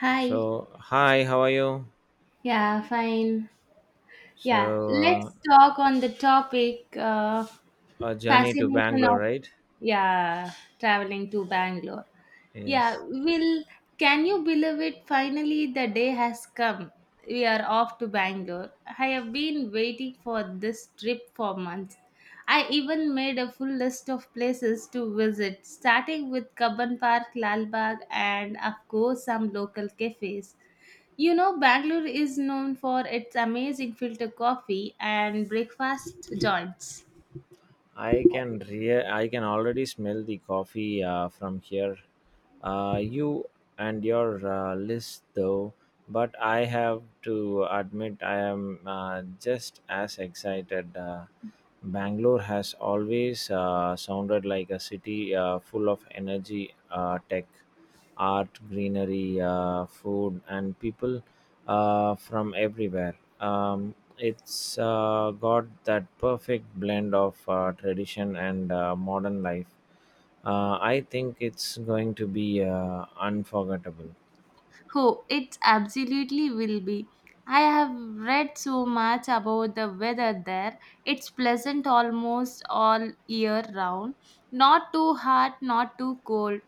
Hi. So, hi, how are you? Yeah, fine. Yeah, So, let's talk on the topic a journey to fascination Bangalore, of right? yeah traveling to Bangalore. Yeah, Yes. will can you believe it? Finally, the day has come. We are off to Bangalore. I have been waiting for this trip for months. I even made a full list of places to visit, starting with Kabban Park, Lalbagh, and of course some local cafes. You know, Bangalore is known for its amazing filter coffee and breakfast joints. I can already smell the coffee from here. You and your list, though, but I have to admit I am just as excited. Bangalore has always sounded like a city full of energy, tech, art, greenery, food, and people from everywhere. It's got that perfect blend of tradition and modern life. I think it's going to be unforgettable. Oh, it absolutely will be. I have read so much about the weather there. It's pleasant almost all year round. Not too hot, not too cold.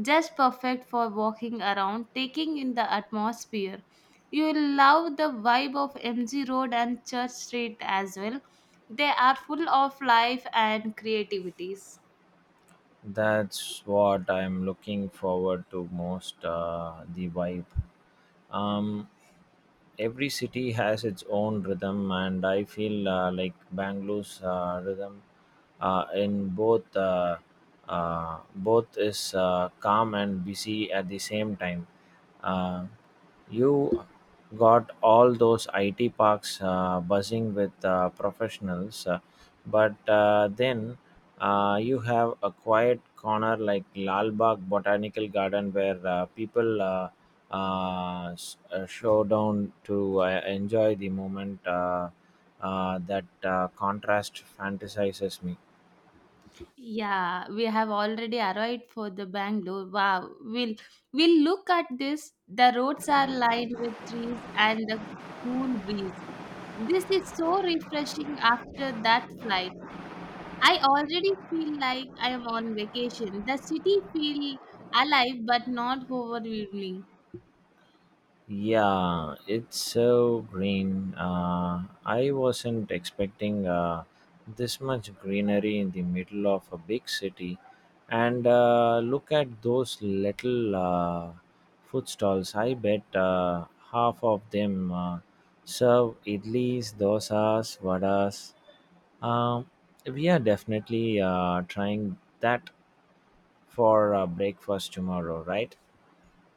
Just perfect for walking around, taking in the atmosphere. You'll love the vibe of MG Road and Church Street as well. They are full of life and creativities. That's what I'm looking forward to most, the vibe. Um, every city has its own rhythm, and I feel like Bangalore's rhythm in both both is calm and busy at the same time. Uh, you got all those IT parks buzzing with professionals, but then. You have a quiet corner like Lal Bagh Botanical Garden where people show down to enjoy the moment. That contrast fantasizes me. Yeah, we have already arrived for the Bangalore. Wow, we'll look at this. The roads are lined with trees and the cool breeze. This is so refreshing after that flight. I already feel like I am on vacation. The city feel alive but not overwhelming. Yeah, it's so green. I wasn't expecting this much greenery in the middle of a big city. And look at those little food stalls. I bet half of them serve idlis, dosas, vadas. Um, we are definitely trying that for breakfast tomorrow, right?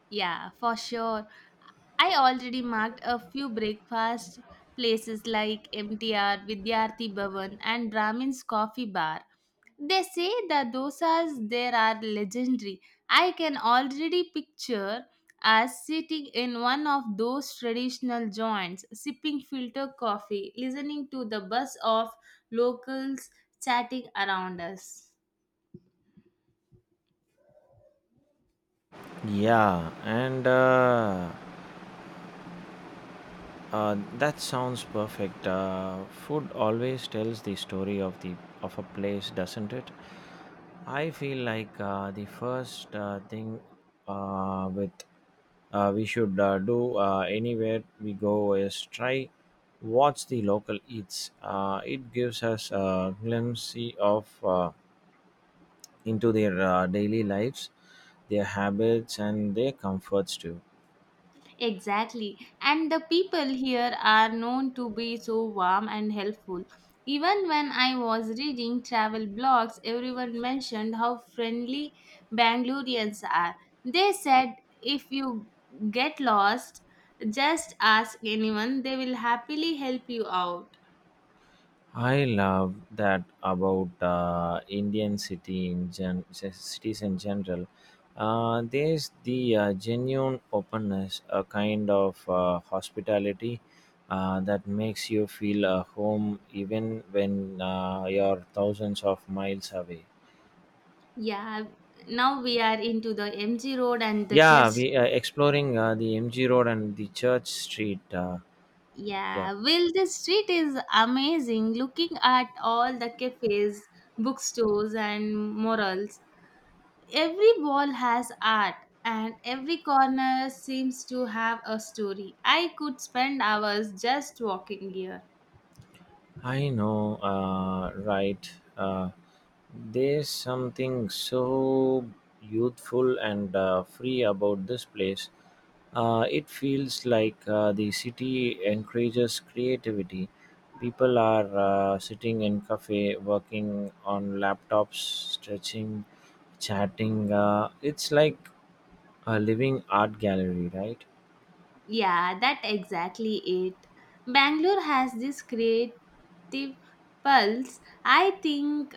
Yeah, for sure. I already marked a few breakfast places like MTR, Vidyarthi Bhavan, and Brahmin's Coffee Bar. They say the dosas there are legendary. I can already picture us sitting in one of those traditional joints, sipping filter coffee, listening to the buzz of locals chatting around us. Yeah, and That sounds perfect. Food always tells the story of the of a place, doesn't it? I feel like the first thing with we should do anywhere we go is try what's the local eats. It gives us a glimpse of into their daily lives, their habits, and their comforts too. Exactly. And the people here are known to be so warm and helpful. Even when I was reading travel blogs, everyone mentioned how friendly Bangaloreans are. They said if you get lost, just ask anyone, they will happily help you out. I love that about Indian city in gen- c- cities in general. There's the genuine openness, a kind of hospitality that makes you feel a home even when you're thousands of miles away. Yeah, now we are into the MG Road and the Yeah, church. we are exploring the MG Road and the Church Street. Yeah, Yeah, well, the street is amazing. Looking at all the cafes, bookstores, and murals, every wall has art, and every corner seems to have a story. I could spend hours just walking here. I know, right? Uh, There's something so youthful and free about this place. It feels like the city encourages creativity. People are sitting in cafe, working on laptops, stretching, chatting. It's like a living art gallery, right? Yeah, that exactly it. Bangalore has this creative pulse. I think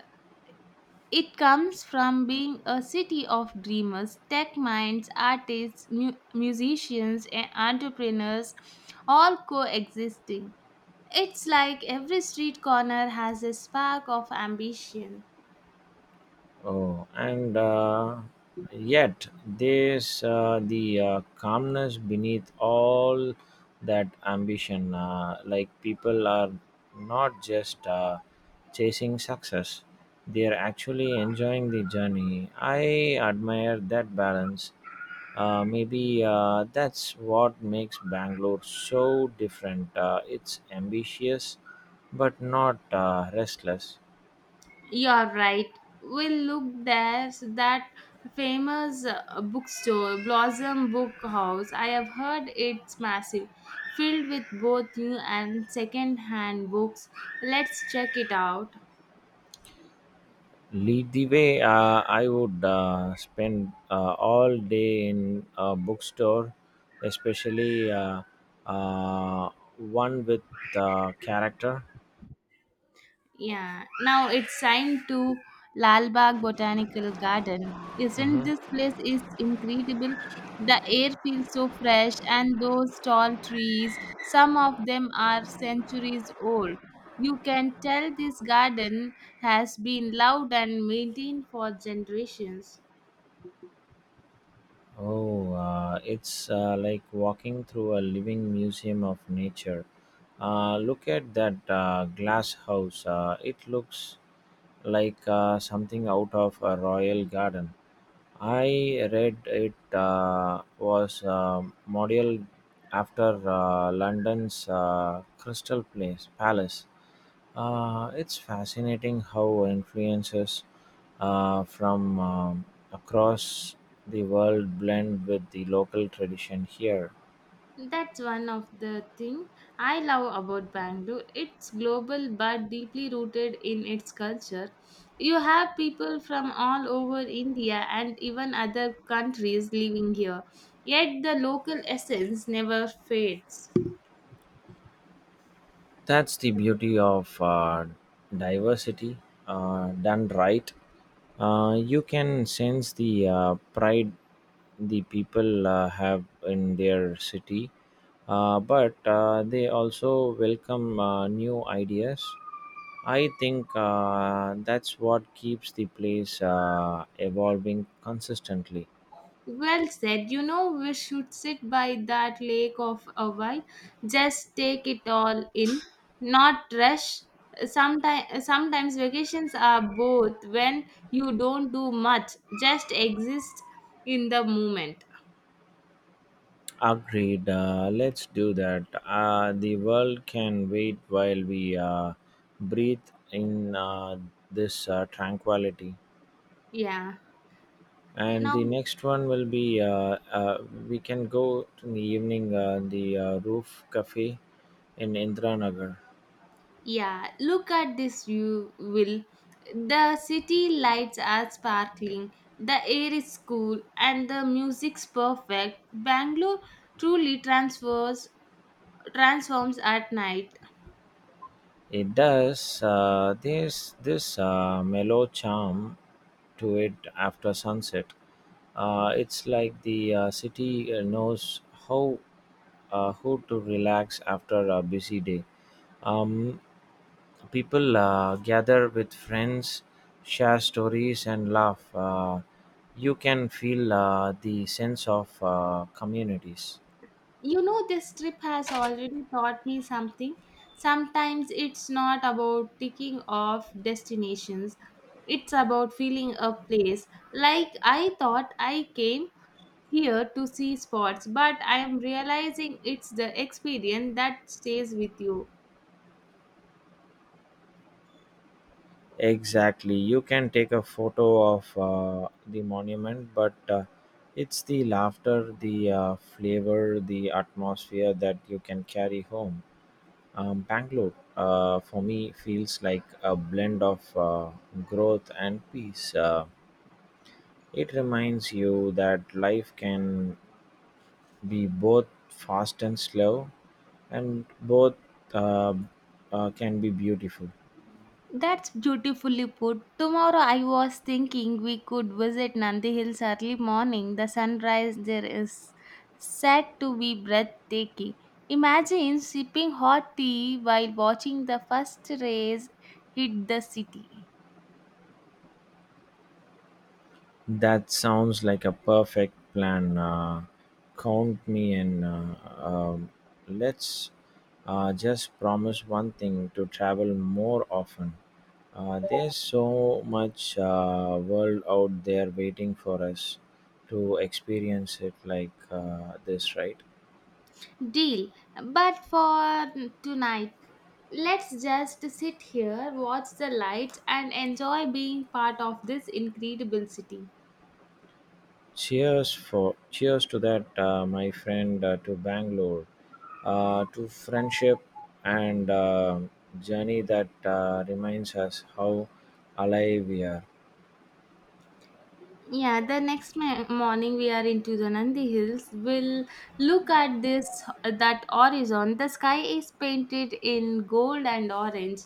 it comes from being a city of dreamers, tech minds, artists, musicians, and entrepreneurs all coexisting. It's like every street corner has a spark of ambition. Oh, and Yet there's the calmness beneath all that ambition. Like people are not just chasing success; they are actually enjoying the journey. I admire that balance. Maybe that's what makes Bangalore so different. It's ambitious, but not restless. You're right. We'll look there's that famous bookstore, Blossom Book House. I have heard it's massive, filled with both new and second hand books. Let's check it out. Lead the way. I would spend all day in a bookstore, especially uh, one with character. Yeah, now it's time to Lal Bagh Botanical Garden. Isn't this Hmm. place is incredible? The air feels so fresh and those tall trees, some of them are centuries old. You can tell this garden has been loved and maintained for generations. Oh, it's like walking through a living museum of nature. Look at that glass house. It looks like something out of a royal garden. I read it was modeled after London's Crystal Place Palace. It's fascinating how influences from across the world blend with the local tradition here. That's one of the thing I love about Bangalore. It's global but deeply rooted in its culture. You have people from all over India and even other countries living here, yet the local essence never fades. That's the beauty of diversity done right. You can sense the pride the people have in their city, but they also welcome new ideas. I think that's what keeps the place evolving consistently. Well said. You know, we should sit by that lake of a while. Just take it all in, not rush. Sometimes vacations are both when you don't do much, just exist in the moment. Agreed. Let's do that. The world can wait while we breathe in this tranquility. Yeah. And Now, the next one will be we can go in the evening the roof cafe in Indra Nagar. yeah, look at this view, Will. The city lights are sparkling, the air is cool, and the music's perfect. Bangalore truly transfers transforms at night. It does. There's this mellow charm to it after sunset. It's like the city knows how how to relax after a busy day. Um, People gather with friends, share stories, and laugh. You can feel the sense of communities. You know, this trip has already taught me something. Sometimes it's not about ticking off destinations, it's about feeling a place. Like I thought I came here to see spots, but I am realizing it's the experience that stays with you. Exactly. You can take a photo of the monument, but it's the laughter, the flavor, the atmosphere that you can carry home. Bangalore, for me, feels like a blend of growth and peace. It reminds you that life can be both fast and slow, and both uh, can be beautiful. That's beautifully put. Tomorrow I was thinking we could visit Nandi Hills early morning. The sunrise there is said to be breathtaking. Imagine sipping hot tea while watching the first rays hit the city. That sounds like a perfect plan. Count me in. Let's just promise one thing: to travel more often. There's so much world out there waiting for us to experience it like this, right? Deal. But for tonight, let's just sit here, watch the lights, and enjoy being part of this incredible city. Cheers to that, my friend, to Bangalore, to friendship and journey that reminds us how alive we are. Yeah, the next morning we are into the Nandi Hills. We'll look at this that horizon. The sky is painted in gold and orange.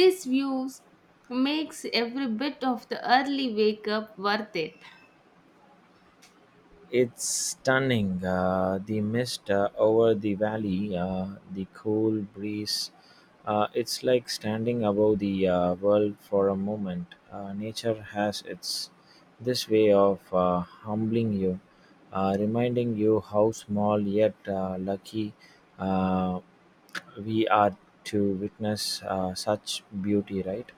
This views makes every bit of the early wake up worth it. It's stunning. The mist over the valley, the cool breeze. It's like standing above the world for a moment. Nature has its this way of humbling you, reminding you how small yet lucky uh, we are to witness such beauty. Right?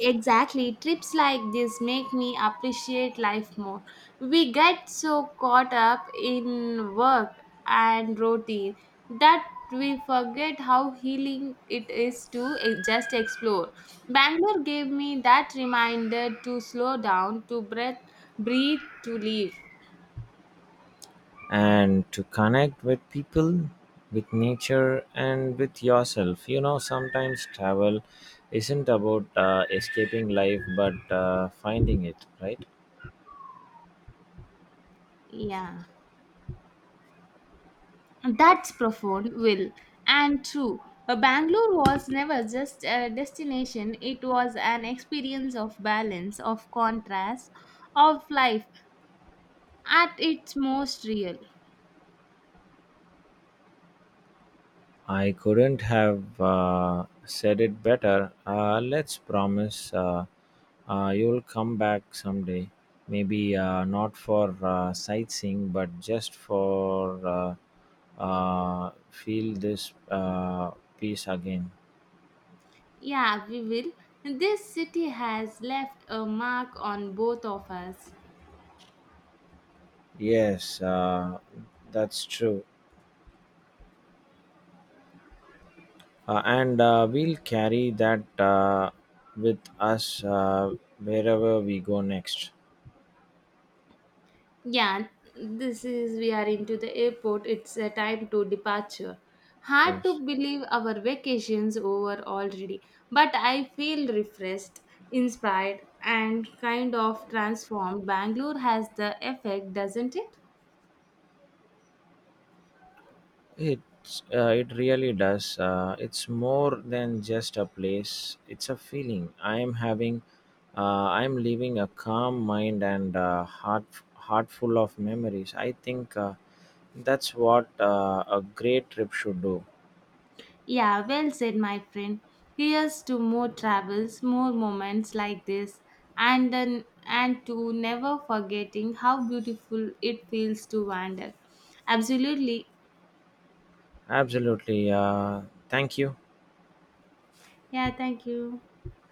Exactly. Trips like this make me appreciate life more. We get so caught up in work and routine that we forget how healing it is to just explore. Bangalore gave me that reminder to slow down, to breathe, to live. And to connect with people, with nature, and with yourself. You know, sometimes travel isn't about escaping life but finding it, right? Yeah. That's profound, Will. And true, Bangalore was never just a destination, it was an experience of balance, of contrast, of life at its most real. I couldn't have said it better. Let's promise, you'll come back someday. Maybe not for sightseeing, but just for feel this peace again. Yeah, we will. This city has left a mark on both of us. Yes, that's true. And we'll carry that with us wherever we go next. Yeah, this is we are into the airport. It's a time to departure. Hard to Yes, believe our vacation's over already, but I feel refreshed, inspired, and kind of transformed. Bangalore has the effect, doesn't it? It really does. It's more than just a place. It's a feeling I am having. Uh, I'm leaving a calm mind and heart full of memories. I think that's what a great trip should do. Yeah, well said, my friend. Here's to more travels, more moments like this, and then and to never forgetting how beautiful it feels to wander. Absolutely. Absolutely. Thank you. Yeah, thank you.